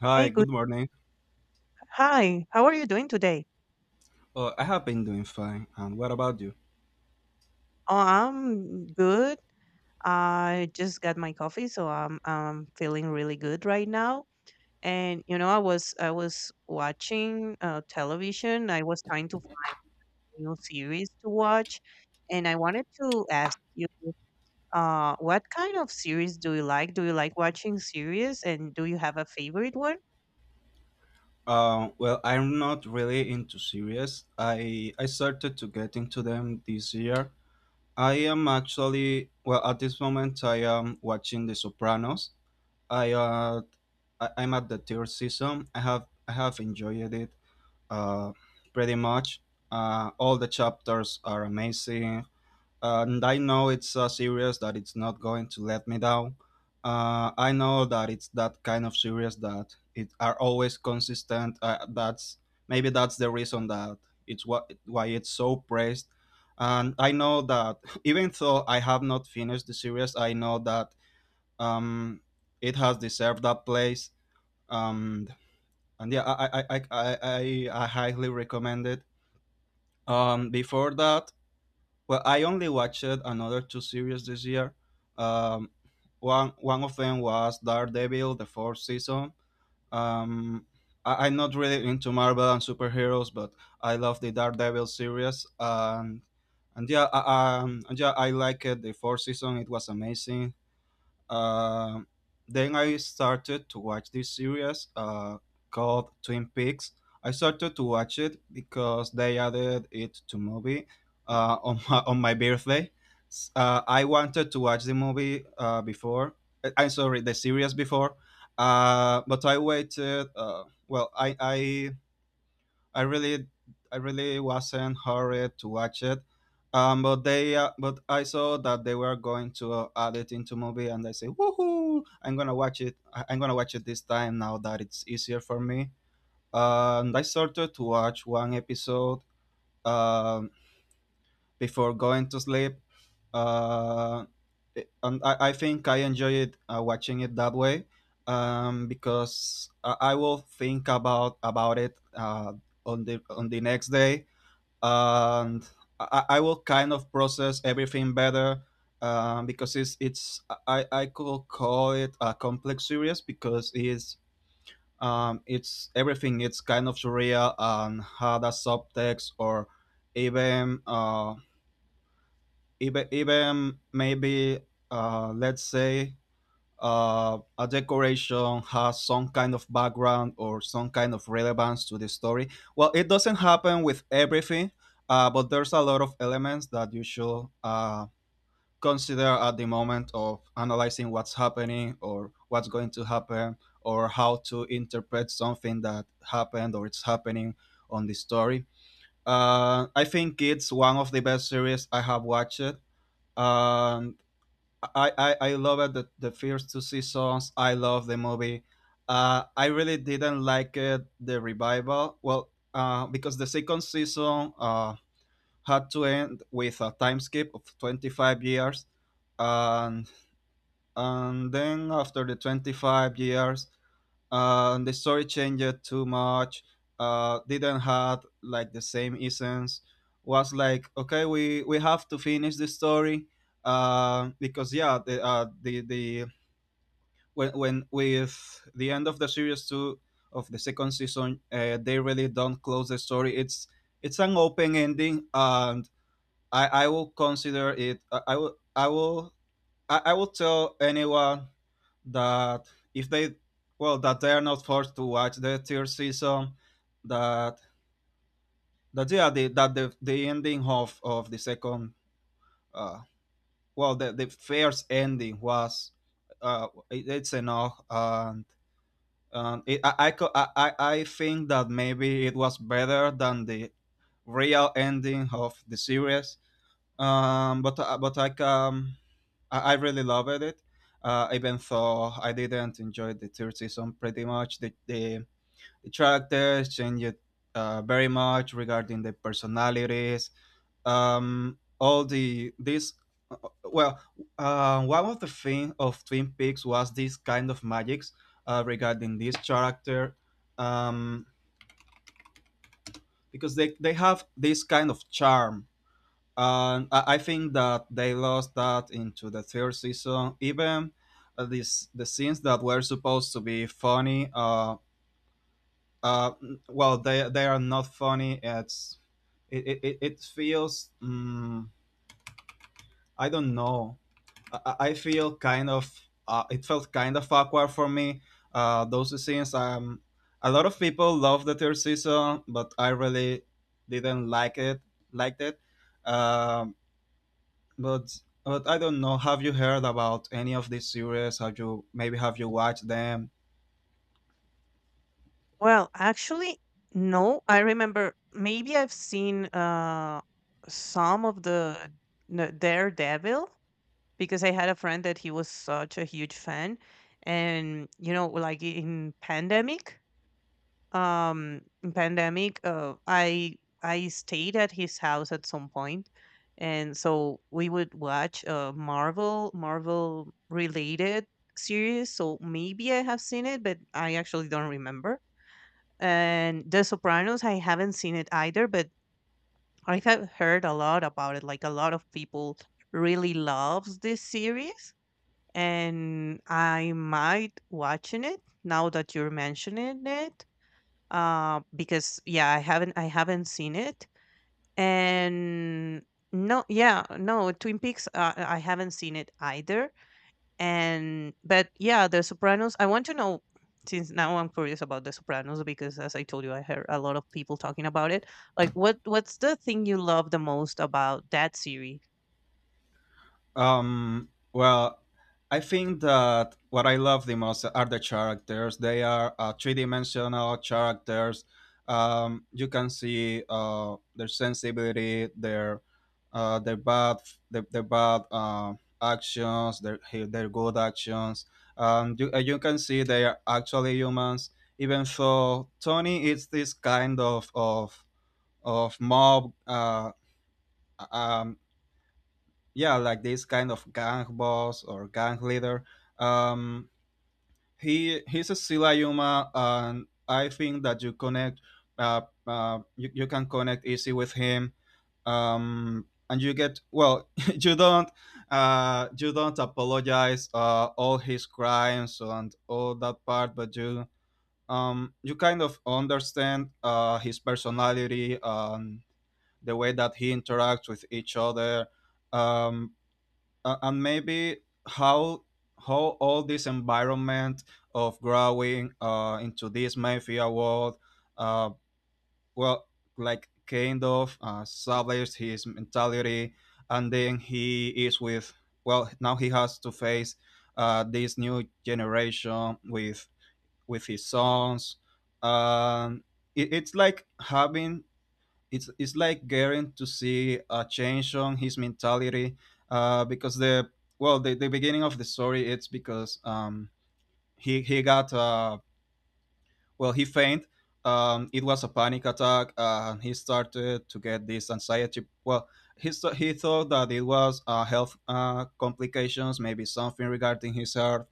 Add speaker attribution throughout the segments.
Speaker 1: Hi,
Speaker 2: Hey, good.
Speaker 1: good morning.
Speaker 2: Hi, how are you doing today?
Speaker 1: I have been doing fine. And what about you?
Speaker 2: Oh, I'm good. I just got my coffee, so I'm feeling really good right now. And you know, I was watching television. I was trying to find new series to watch, and I wanted to ask you, what kind of series do you like? Do you like watching series, and do you have a favorite one?
Speaker 1: Well, I'm not really into series. I started to get into them this year. I am actually well at this moment. I am watching The Sopranos. I uh I'm at the third season. I have enjoyed it. Uh, Pretty much. All the chapters are amazing. And I know it's so serious that it's not going to let me down. I know that it's that kind of serious that it are always consistent. That's maybe that's the reason that it's what why it's so praised. And I know that even though I have not finished the series, I know that um, it has deserved that place. Um, and yeah, I highly recommend it. Before that, well, I only watched another two series this year. Um, one of them was Daredevil, the fourth season. Um, I'm not really into Marvel and superheroes, but I love the Daredevil series. And yeah, and yeah, I liked it. The fourth season, it was amazing. Uh, then I started to watch this series called Twin Peaks. I started to watch it because they added it to movie on my birthday. I wanted to watch the movie before. I'm sorry, the series before, but I waited. Well, I I really, I really wasn't hurried to watch it, but I saw that they were going to add it into movie, and I say, woohoo! I'm gonna watch it. I'm gonna watch it this time now that it's easier for me. And I started to watch one episode um, before going to sleep. Uh, I think I enjoy it watching it that way, because I will think about it on the next day, and I will kind of process everything better, because it's I could call it a complex series because it's everything, it's kind of surreal and had a subtext, or even even even maybe let's say a decoration has some kind of background or some kind of relevance to the story. Well, it doesn't happen with everything, but there's a lot of elements that you should consider at the moment of analyzing what's happening or what's going to happen or how to interpret something that happened or it's happening on the story. I think it's one of the best series I have watched. Um, I love it, the first two seasons. I love the movie. I really didn't like it, the revival. Well, because the second season had to end with a time skip of 25 years. And, and then after the 25 years, the story changed too much, didn't have like the same essence, was like okay, we have to finish the story, because yeah the when with the end of the series two of the second season, they really don't close the story, it's an open ending, and I will consider it, I would tell anyone that if they, well, that they are not forced to watch the third season, that the ending of the second, uh the first ending was it's enough, and it, I, co- I think that maybe it was better than the real ending of the series, um, but uh, but like um, I really loved it. Even though I didn't enjoy the third season pretty much, the characters changed very much regarding the personalities. All the this well, One of the thing of Twin Peaks was this kind of magics regarding this character, um, because they have this kind of charm. And I think that they lost that into the third season. Even the scenes that were supposed to be funny, uh, well, they are not funny. It's it feels I don't know. I feel kind of it felt kind of awkward for me. Those scenes. A lot of people love the third season, but I really didn't like it. Liked it. Um, but but I don't know. Have you heard about any of these series? Have you watched them?
Speaker 2: Well, actually, no. I remember maybe I've seen some of the no, Daredevil because I had a friend that he was such a huge fan, and you know, like in pandemic, I stayed at his house at some point, and so we would watch uh, Marvel related series. So maybe I have seen it, but I actually don't remember. And The Sopranos, I haven't seen it either, but I have heard a lot about it. Like a lot of people really loves this series, and I might watching it now that you're mentioning it. Because yeah, I haven't seen it, and no, yeah, no, Twin Peaks. I haven't seen it either. And but yeah, The Sopranos. I want to know since now I'm curious about The Sopranos because as I told you, I heard a lot of people talking about it. Like, what's the thing you love the most about that series?
Speaker 1: Well, I think that what I love the most are the characters. They are three-dimensional characters. You, can see their sensibility, their uh, their bad their bad actions, their good actions. You, you can see they are actually humans. Even though Tony is this kind of of mob, um, yeah, like this kind of gang boss or gang leader, um he he's a sila yuma, and I think that you connect, you can connect easy with him, and you get, well you don't you don't apologize all his crimes and all that part, but you, you kind of understand his personality and the way that he interacts with each other, um and maybe how all this environment of growing into this mafia world, uh, well, like kind of established his mentality, and then he is with, well, now he has to face this new generation with his sons. It's like having, it's like getting to see a change on his mentality, because the well the beginning of the story it's because he got well, he fainted, it was a panic attack, he started to get this anxiety, well, he thought that it was health complications, maybe something regarding his heart,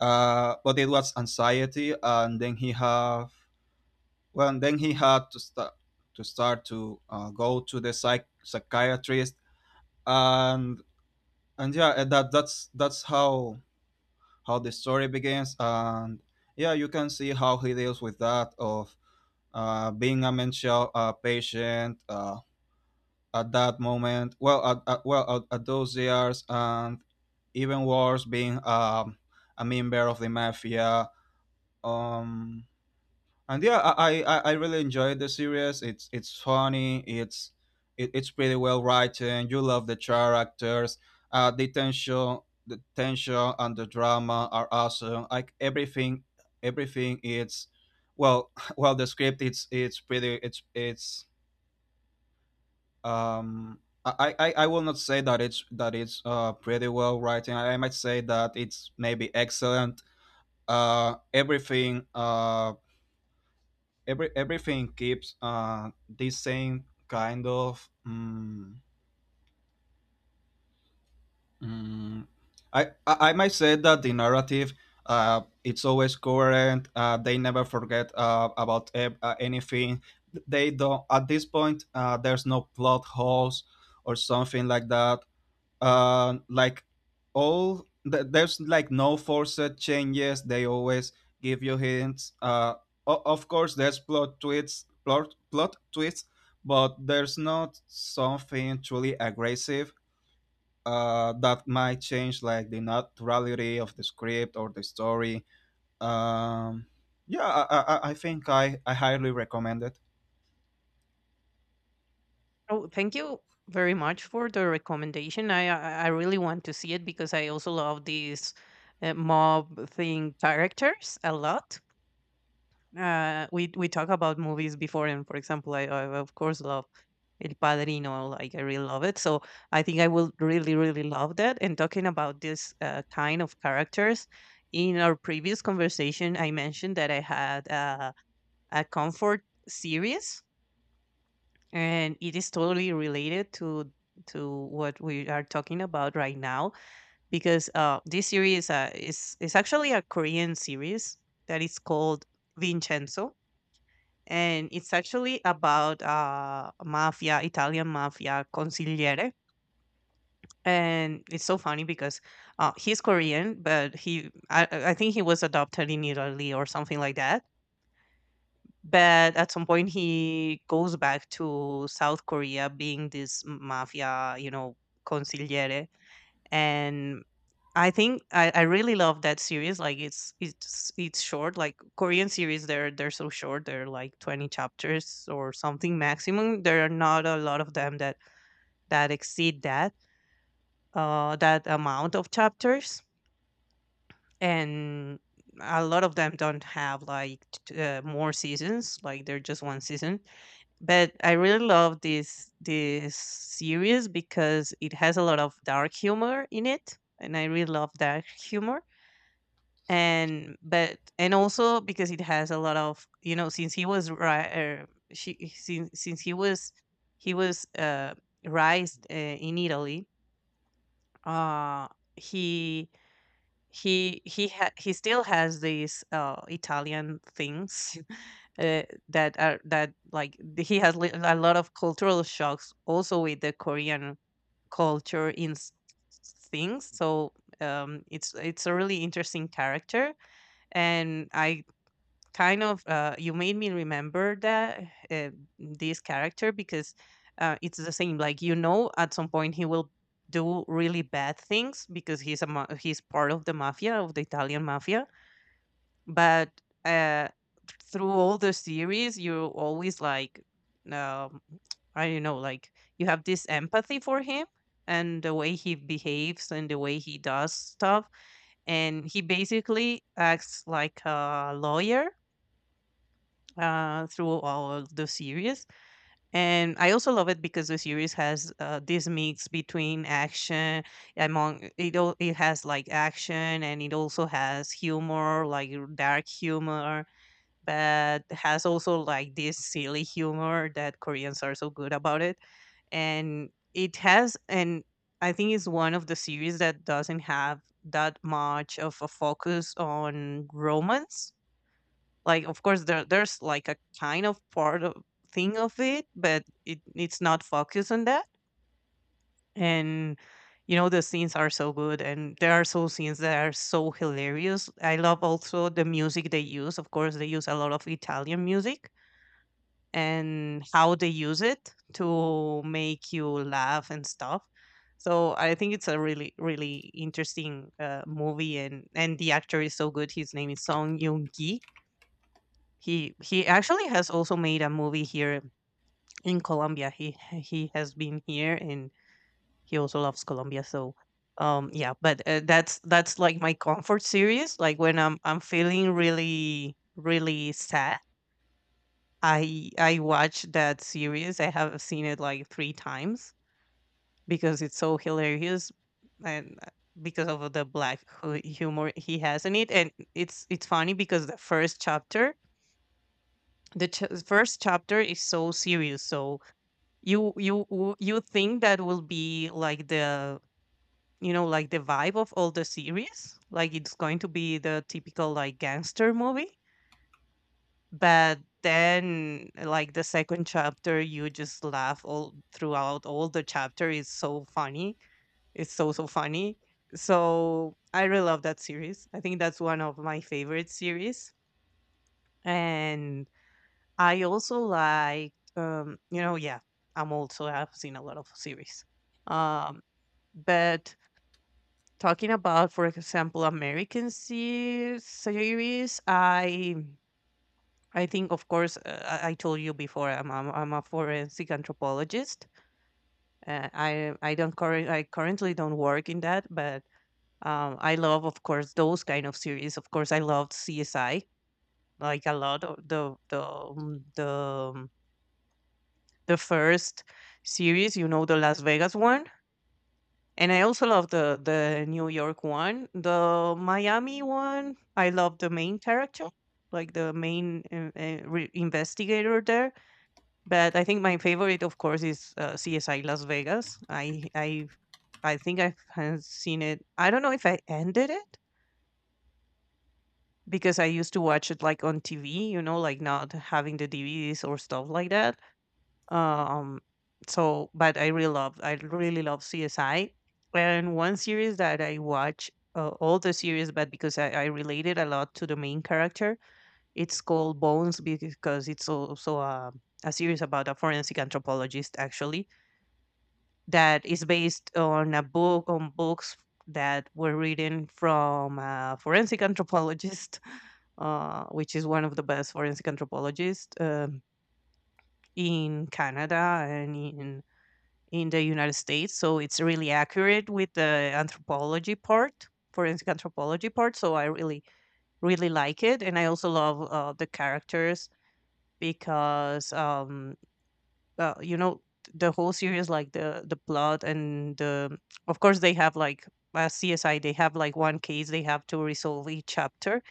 Speaker 1: but it was anxiety, and then he have, well, and then he had to start to go to the psychiatrist, and and yeah, and that's how the story begins, and yeah, you can see how he deals with that of being a mental patient at that moment. Well, at, well, at those years, and even worse, being a member of the mafia. Um, and yeah, I really enjoyed the series, it's funny, it's pretty well written, you love the characters, the tension, the tension and the drama are awesome, like everything, everything is, well well, the script, it's pretty it's um I will not say that it's pretty well written. I might say that it's maybe excellent. Everything, everything keeps this same kind of mm, I might say that the narrative it's always current, they never forget anything, they don't, at this point there's no plot holes or something like that, like there's like no forced changes, they always give you hints, of course there's plot twists, plot twists, but there's not something truly aggressive that might change like the naturality of the script or the story, um yeah, I think I highly recommend it.
Speaker 2: Oh, thank you very much for the recommendation. I really want to see it because I also love these mob thing characters a lot. We talk about movies before, and for example, I of course love El Padrino. Like I really love it. So I think I will really really love that. And talking about this kind of characters, in our previous conversation, I mentioned that I had a comfort series, and it is totally related to what we are talking about right now because this series is actually a Korean series that is called Vincenzo, and it's actually about mafia italian mafia consigliere. And it's so funny because he's Korean, but he I think he was adopted in Italy or something like that. But at some point he goes back to South Korea being this mafia, you know, consigliere. And I think I really love that series. Like it's short. Like Korean series, they're so short. They're like 20 chapters or something maximum. There are not a lot of them that exceed that uh, amount of chapters, and a lot of them don't have like more seasons. Like they're just one season. But I really love this series because it has a lot of dark humor in it, and I really love dark humor. And but and also because it has a lot of, you know, since he was ri- she since he was uh, raised in Italy. uh he he still has these Italian things uh, that are that like th- he has li- a lot of cultural shocks also with the Korean culture things. So it's a really interesting character. And I kind of, you made me remember that uh, this character because it's the same, like, you know, at some point he will do really bad things because he's part of the mafia, of the Italian mafia. But uh, through all the series you're always like, um, I don't know, like, you have this empathy for him and the way he behaves and the way he does stuff, and he basically acts like a lawyer through all the series. And I also love it because the series has this mix between action among it. It has like action, and it also has humor, like dark humor, but has also like this silly humor that Koreans are so good about it. And it has, and I think it's one of the series that doesn't have that much of a focus on romance. Like, of course, there there's like a kind of part of thing of it, but it it's not focused on that. And you know, the scenes are so good, and there are so scenes that are so hilarious. I love also the music they use. Of course, they use a lot of Italian music and how they use it to make you laugh and stuff. So I think it's a really, really interesting movie, and the actor is so good. His name is Song Yoon Ki. He actually has also made a movie here in Colombia. He has been here, and he also loves Colombia. So yeah, but that's like my comfort series. Like when I'm feeling really really sad, I watch that series. I have seen it like 3 times because it's so hilarious. And because of the black humor he has in it. And it's funny because the first chapter is so serious, so you think that will be like the, you know, like the vibe of all the series, like it's going to be the typical like gangster movie. But then like the second chapter you just laugh all throughout all the chapter. Is so funny, it's so so funny. So I really love that series. I think that's one of my favorite series. And I also like, you know, yeah, I'm also I've seen a lot of series. um. But talking about, for example, American series, I think, of course, I told you before, I'm a forensic anthropologist. I currently don't work in that, but I love, of course, those kind of series. Of course, I loved CSI like a lot. Of the The first series, you know, the Las Vegas one. And I also love the New York one. The Miami one, I love the main character, like the main investigator there. But I think my favorite, of course, is CSI Las Vegas. I I think I have seen it. I don't know if I ended it because I used to watch it like on TV, you know, like not having the DVDs or stuff like that. um so but I really love, I really love CSI. And one series that I watch all the series, but because I related a lot to the main character, it's called Bones, because it's also a series about a forensic anthropologist, actually, that is based on a book, on books that were written from a forensic anthropologist which is one of the best forensic anthropologists, in Canada and in the United States, so it's really accurate with the anthropology part, forensic anthropology part. So I really, really like it, and I also love the characters because, you know, the whole series, like the plot, and the, of course they have like CSI, they have like one case they have to resolve each chapter,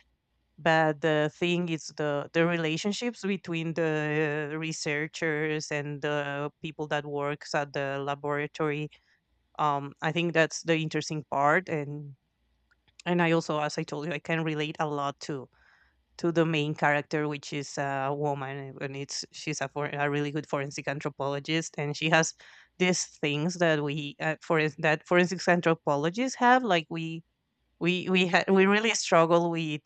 Speaker 2: but the thing is the relationships between the researchers and the people that works at the laboratory. I think that's the interesting part. And I also, as I told you, I can relate a lot to the main character, which is a woman, and it's she's a, for, a really good forensic anthropologist, and she has these things that we for that forensic anthropologists have, like we we really struggle with,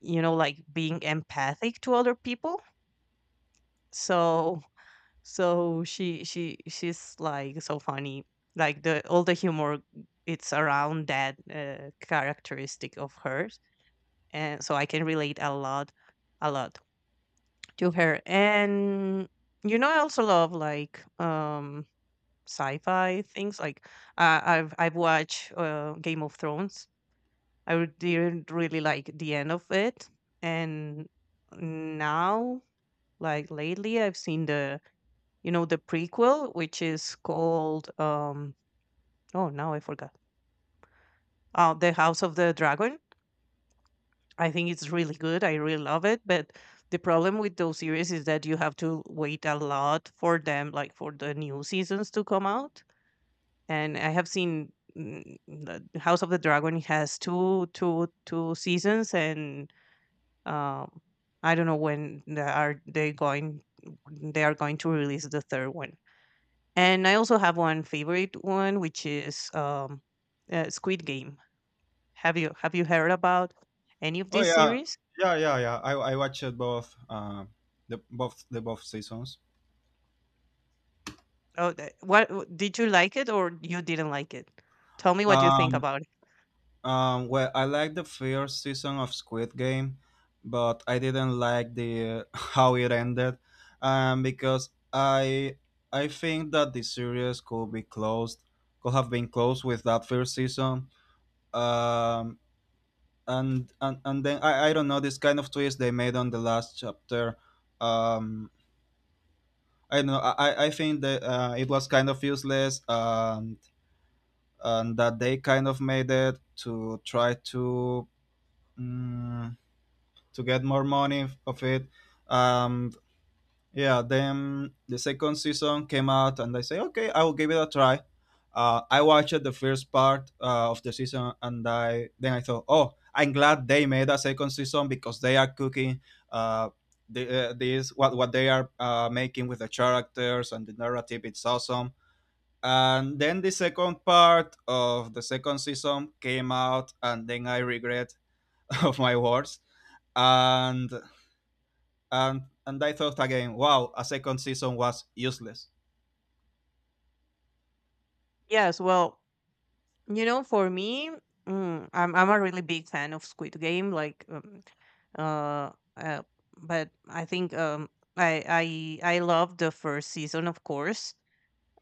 Speaker 2: you know, like being empathic to other people. So so she she's like so funny. Like the all the humor it's around that characteristic of hers, and so I can relate a lot to her. And you know, I also love like sci-fi things. Like I've watched Game of Thrones. I didn't really like the end of it. And now like lately I've seen the, you know, the prequel, which is called, um oh now I forgot The House of the Dragon. I think it's really good, I really love it, but the problem with those series is that you have to wait a lot for them, like for the new seasons to come out. And I have seen, mm, The House of the Dragon has two seasons, and um I don't know when they are going to release the third one. And I also have one favorite one, which is Squid Game. Have you heard about any of
Speaker 1: Oh
Speaker 2: these
Speaker 1: yeah.
Speaker 2: series?
Speaker 1: Yeah, I watched both, the both the both seasons.
Speaker 2: Oh, did you like it, or you didn't like it? Tell me what you think
Speaker 1: um
Speaker 2: about it.
Speaker 1: Well, I liked the first season of Squid Game, but I didn't like the how it ended, because I think that the series could be closed, could have been closed with that first season. Um, and then I don't know this kind of twist they made on the last chapter. Um, I don't know, I think that it was kind of useless, and that they kind of made it to try to mm, to get more money f- of it. Um, yeah, then the second season came out, and I say, okay, I will give it a try. I watched the first part of the season, and I then I thought, oh, I'm glad they made a second season because they are cooking, uh, this, what they are making with the characters and the narrative. It's awesome. And then the second part of the second season came out, and then I regret of my words. And and I thought again, wow, a second season was useless.
Speaker 2: Yes, well, you know, for me, mm, I'm a really big fan of Squid Game. Like, uh, uh, but I think I I love the first season, of course.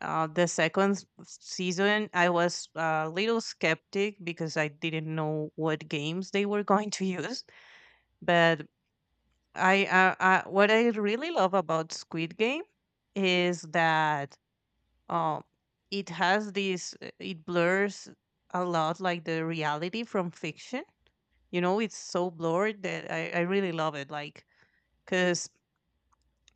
Speaker 2: The second season, I was a little skeptic because I didn't know what games they were going to use. But I what I really love about Squid Game is that um, it has this, it blurs a lot like the reality from fiction. You know, it's so blurred that I really love it. Like, because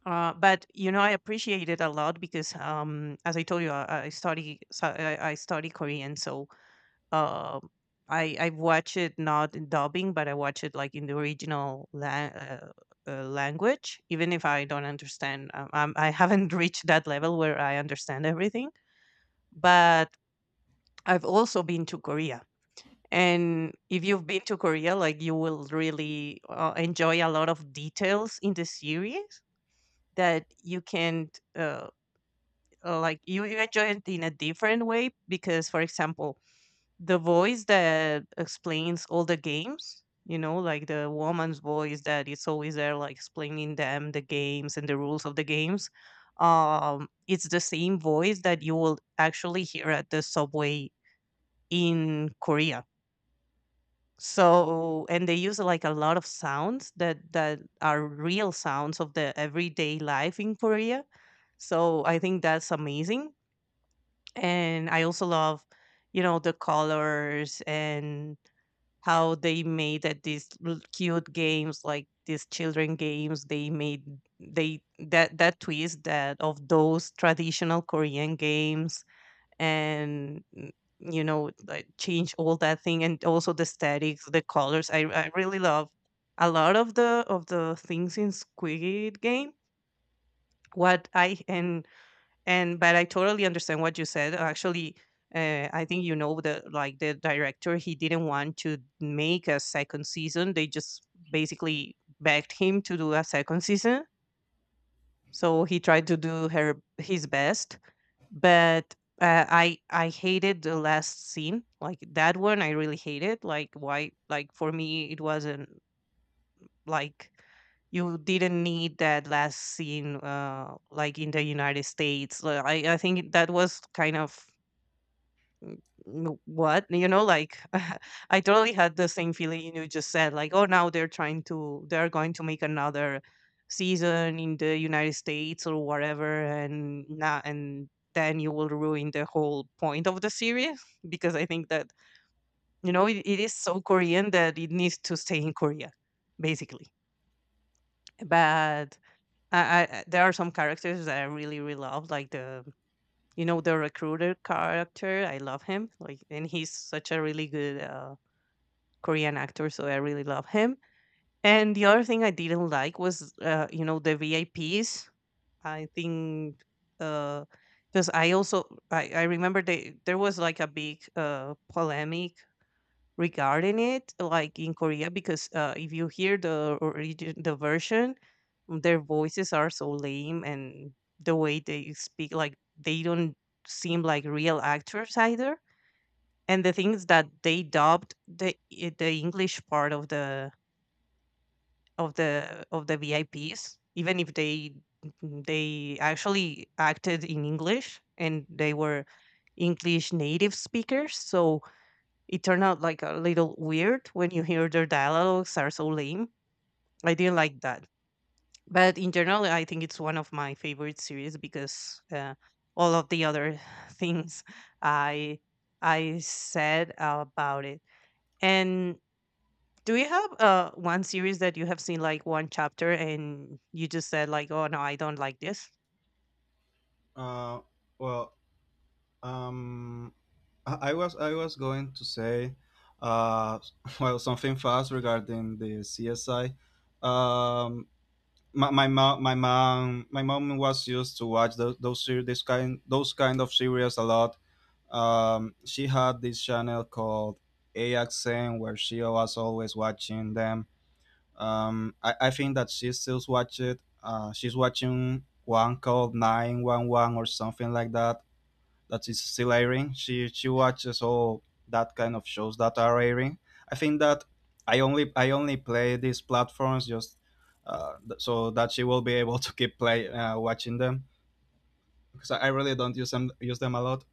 Speaker 2: But you know, I appreciate it a lot because, as I told you, I study, so I study Korean, so uh, I watch it not in dubbing, but I watch it like in the original language, even if I don't understand. I'm, I haven't reached that level where I understand everything, but I've also been to Korea. And if you've been to Korea, like you will really enjoy a lot of details in the series that you can't. Like you enjoy it in a different way because, for example, the voice that explains all the games, you know, like the woman's voice that is always there, like explaining them the games and the rules of the games. Um, it's the same voice that you will actually hear at the subway in Korea. So and they use like a lot of sounds that are real sounds of the everyday life in Korea, so I think that's amazing. And I also love, you know, the colors and how they made that these cute games, like these children games they made, they that twist that of those traditional Korean games. And mm, you know, like change all that thing and also the statics, the colors. I really love a lot of the things in Squid Game. What I and but I totally understand what you said. Actually I think, you know, the, like, the director, he didn't want to make a second season. They just basically begged him to do a second season, so he tried to do her his best. But I hated the last scene. Like, that one I really hated. Like, why? Like, for me, it wasn't, like, you didn't need that last scene, like in the United States. Like, I think that was kind of mm, what, you know, like. I totally had the same feeling you just said. Like, oh, now they're trying to, they're going to make another season in the United States or whatever, and now and then you will ruin the whole point of the series. Because I think that, you know, it is so Korean that it needs to stay in Korea, basically. But I there are some characters that I really really love, like the, you know, the recruiter character. I love him, like, and he's such a really good Korean actor, so I really love him. And the other thing I didn't like was you know, the VIPs. I Ps. I think, because I also I remember they there was like a big polemic regarding it, like, in Korea, because if you hear the origin, the version, mm, their voices are so lame, and the way they speak, like, they don't seem like real actors either. And the things that they dubbed the the English part of the of the VIPs, even if they mm, they actually acted in English and they were English native speakers, so it turned out like a little weird when you hear their dialogues are so lame. I didn't like that. But in general, I think it's one of my favorite series because all of the other things I I said about it. And do you have one series that you have seen like one chapter and you just said, like, oh no, I don't like this?
Speaker 1: Uh, well, um, I was going to say, uh, well, something fast regarding the CSI. Um, my mom was used to watch those kind of series a lot. She had this channel called AXN, where she was always watching them. I think that she still watched. She's watching one called 9-1-1 or something like that. That is still airing. She watches all that kind of shows that are airing. I think that I only play these platforms just so that she will be able to keep play watching them because I really don't use them a lot.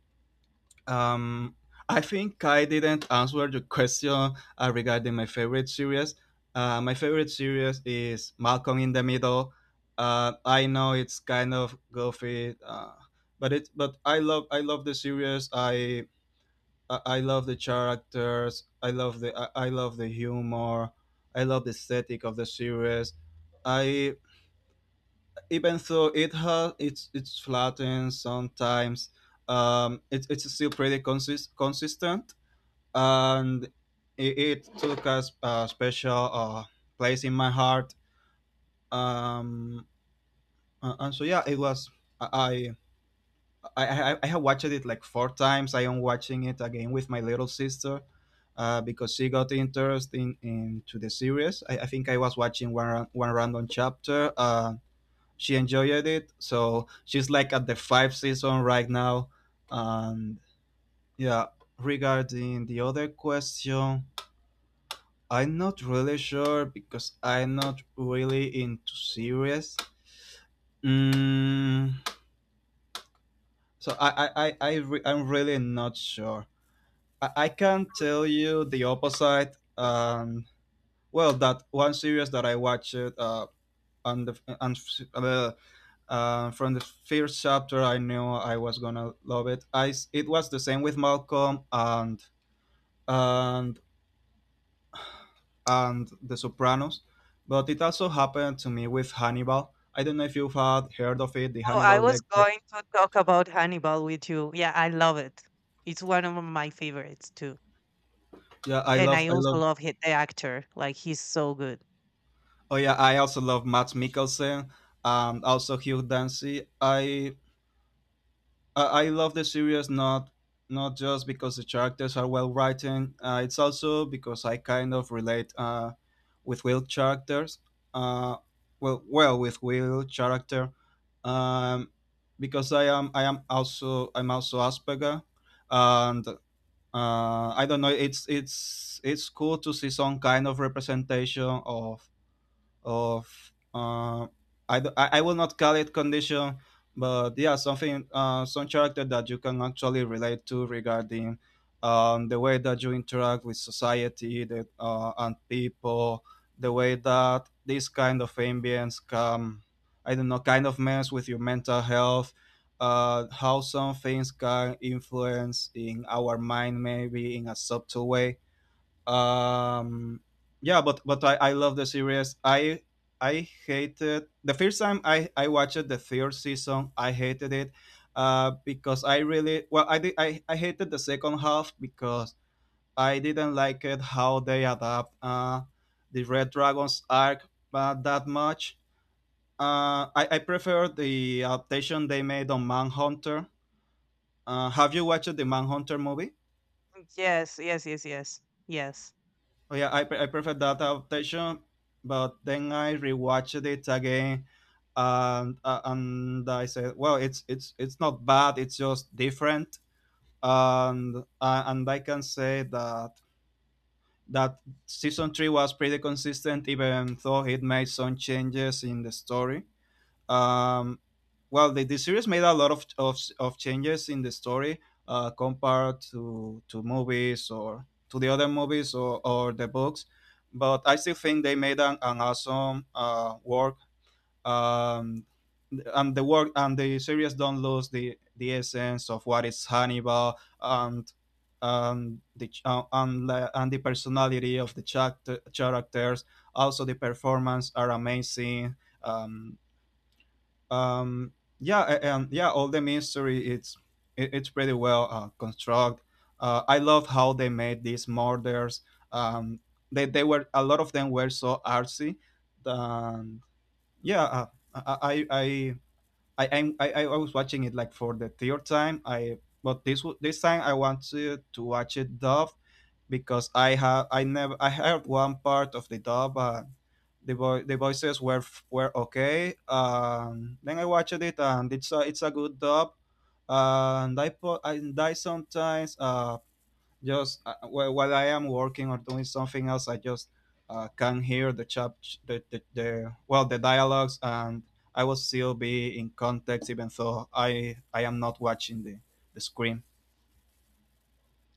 Speaker 1: Um, I think I didn't answer the question regarding my favorite series. My favorite series is Malcolm in the Middle. I know it's kind of goofy, but it but I love the series. I love the characters. I love the, I love the humor. I love the aesthetic of the series. I Even though it has it's flattened sometimes. It's still pretty consistent, and it took a special place in my heart. Um, and so yeah, it was. I I have watched it like 4 times. I am watching it again with my little sister. Because she got interested into the series. I think I was watching one random chapter. She enjoyed it, so she's like at the 5 season right now. And yeah, regarding the other question, I'm not really sure because I'm not really into series. Mm, so I'm really not sure. I can tell you the opposite. Well, that one series that I watched on the on, uh, from the first chapter, I knew I was gonna love it. It was the same with Malcolm and and The Sopranos, but it also happened to me with Hannibal. I don't know if you've had heard of it, the
Speaker 2: Oh, I
Speaker 1: Hannibal
Speaker 2: was
Speaker 1: Lecter.
Speaker 2: going to talk about Hannibal with you. Yeah, I love it. It's one of my favorites too.
Speaker 1: Yeah, I
Speaker 2: And
Speaker 1: love,
Speaker 2: I
Speaker 1: I
Speaker 2: also
Speaker 1: love.
Speaker 2: love hit the actor, like, he's so good.
Speaker 1: Oh yeah, I also love Matt Mikkelsen and also Hugh Dancy. I love the series, not not just because the characters are well written. It's also because I kind of relate with Will characters. Uh, well, with Will character, um, because I'm also Asperger, and I don't know. It's cool to see some kind of representation of of. I I will not call it condition, but yeah, something some character that you can actually relate to regarding the way that you interact with society and people, the way that this kind of ambience can, I don't know, kind of mess with your mental health. How some things can influence in our mind, maybe in a subtle way um yeah, but I love the series. I hated the first time I watched the 3rd season. I hated it, because I really, well I hated the second half because I didn't like it how they adapt the red dragons arc, that much. I prefer the adaptation they made on Manhunter. Uh, have you watched the Manhunter movie?
Speaker 2: Mm, yes, yes, yes, yes, yes.
Speaker 1: Oh yeah, I prefer that adaptation, but then I rewatched it again, and I said, well, it's not bad. It's just different, and I can say that that season 3 was pretty consistent, even though it made some changes in the story. Um, well, the series made a lot of changes in the story compared to movies or to the other movies or the books. But I still think they made an awesome work. Um, and the work and the series don't lose the essence of what is Hannibal, and the ch- and the personality of the characters. Also, the performance are amazing. Um, um yeah, and yeah, all the mystery, it's pretty well construct. I love how they made these murders um they were, a lot of them were so artsy. And yeah, uh, I I I I, I'm- I was watching it like for the 3rd time. I but this w- this time I wanted to watch it dub, because I have I never I heard one part of the dub. The voices were were okay. Then I watched it, and it's a good dub. And I put, and I sometimes, while I am working or doing something else, I just, can hear the chap the well the dialogues, and I will still be in context, even though I am not watching the screen.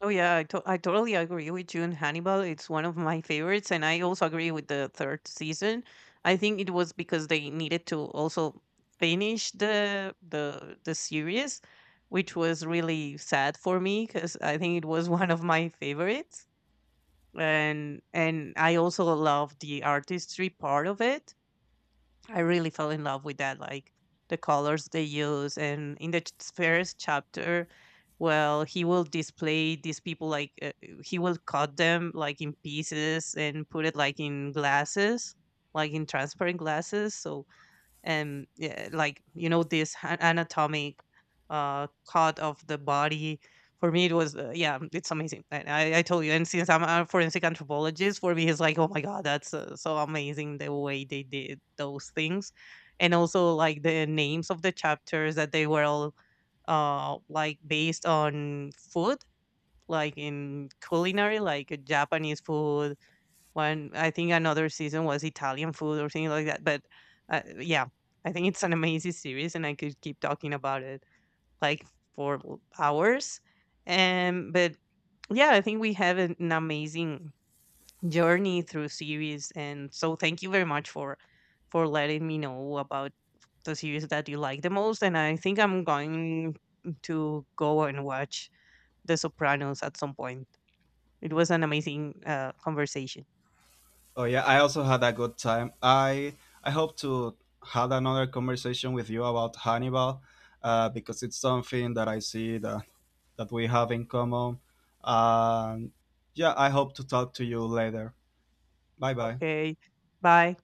Speaker 2: Oh yeah, I totally agree with you. And Hannibal, it's one of my favorites, and I also agree with the third season. I think it was because they needed to also finish the series, which was really sad for me because I think it was one of my favorites. And I also love the artistry part of it. I really fell in love with that, like the colors they use. And in the first chapter, well, he will display these people like he will cut them like in pieces and put it like in glasses, like in transparent glasses. So and yeah, like, you know, this anatomic cut of the body, for me, it was yeah, it's amazing. And I told you, and since I'm a forensic anthropologist, for me, it's like, oh my god, that's so amazing the way they did those things. And also like the names of the chapters that they were all like based on food, like in culinary, like Japanese food one. I think another season was Italian food or something like that. But yeah, I think it's an amazing series, and I could keep talking about it, like, for l hours. And but, yeah, I think we have an amazing journey through series, and so thank you very much for letting me know about the series that you like the most. And I think I'm going to go and watch The Sopranos at some point. It was an amazing, conversation.
Speaker 1: Oh yeah, I also had a good time. I hope to had another conversation with you about Hannibal, because it's something that I see that we have in common. And yeah, I hope to talk to you later. Bye bye.
Speaker 2: Okay, bye.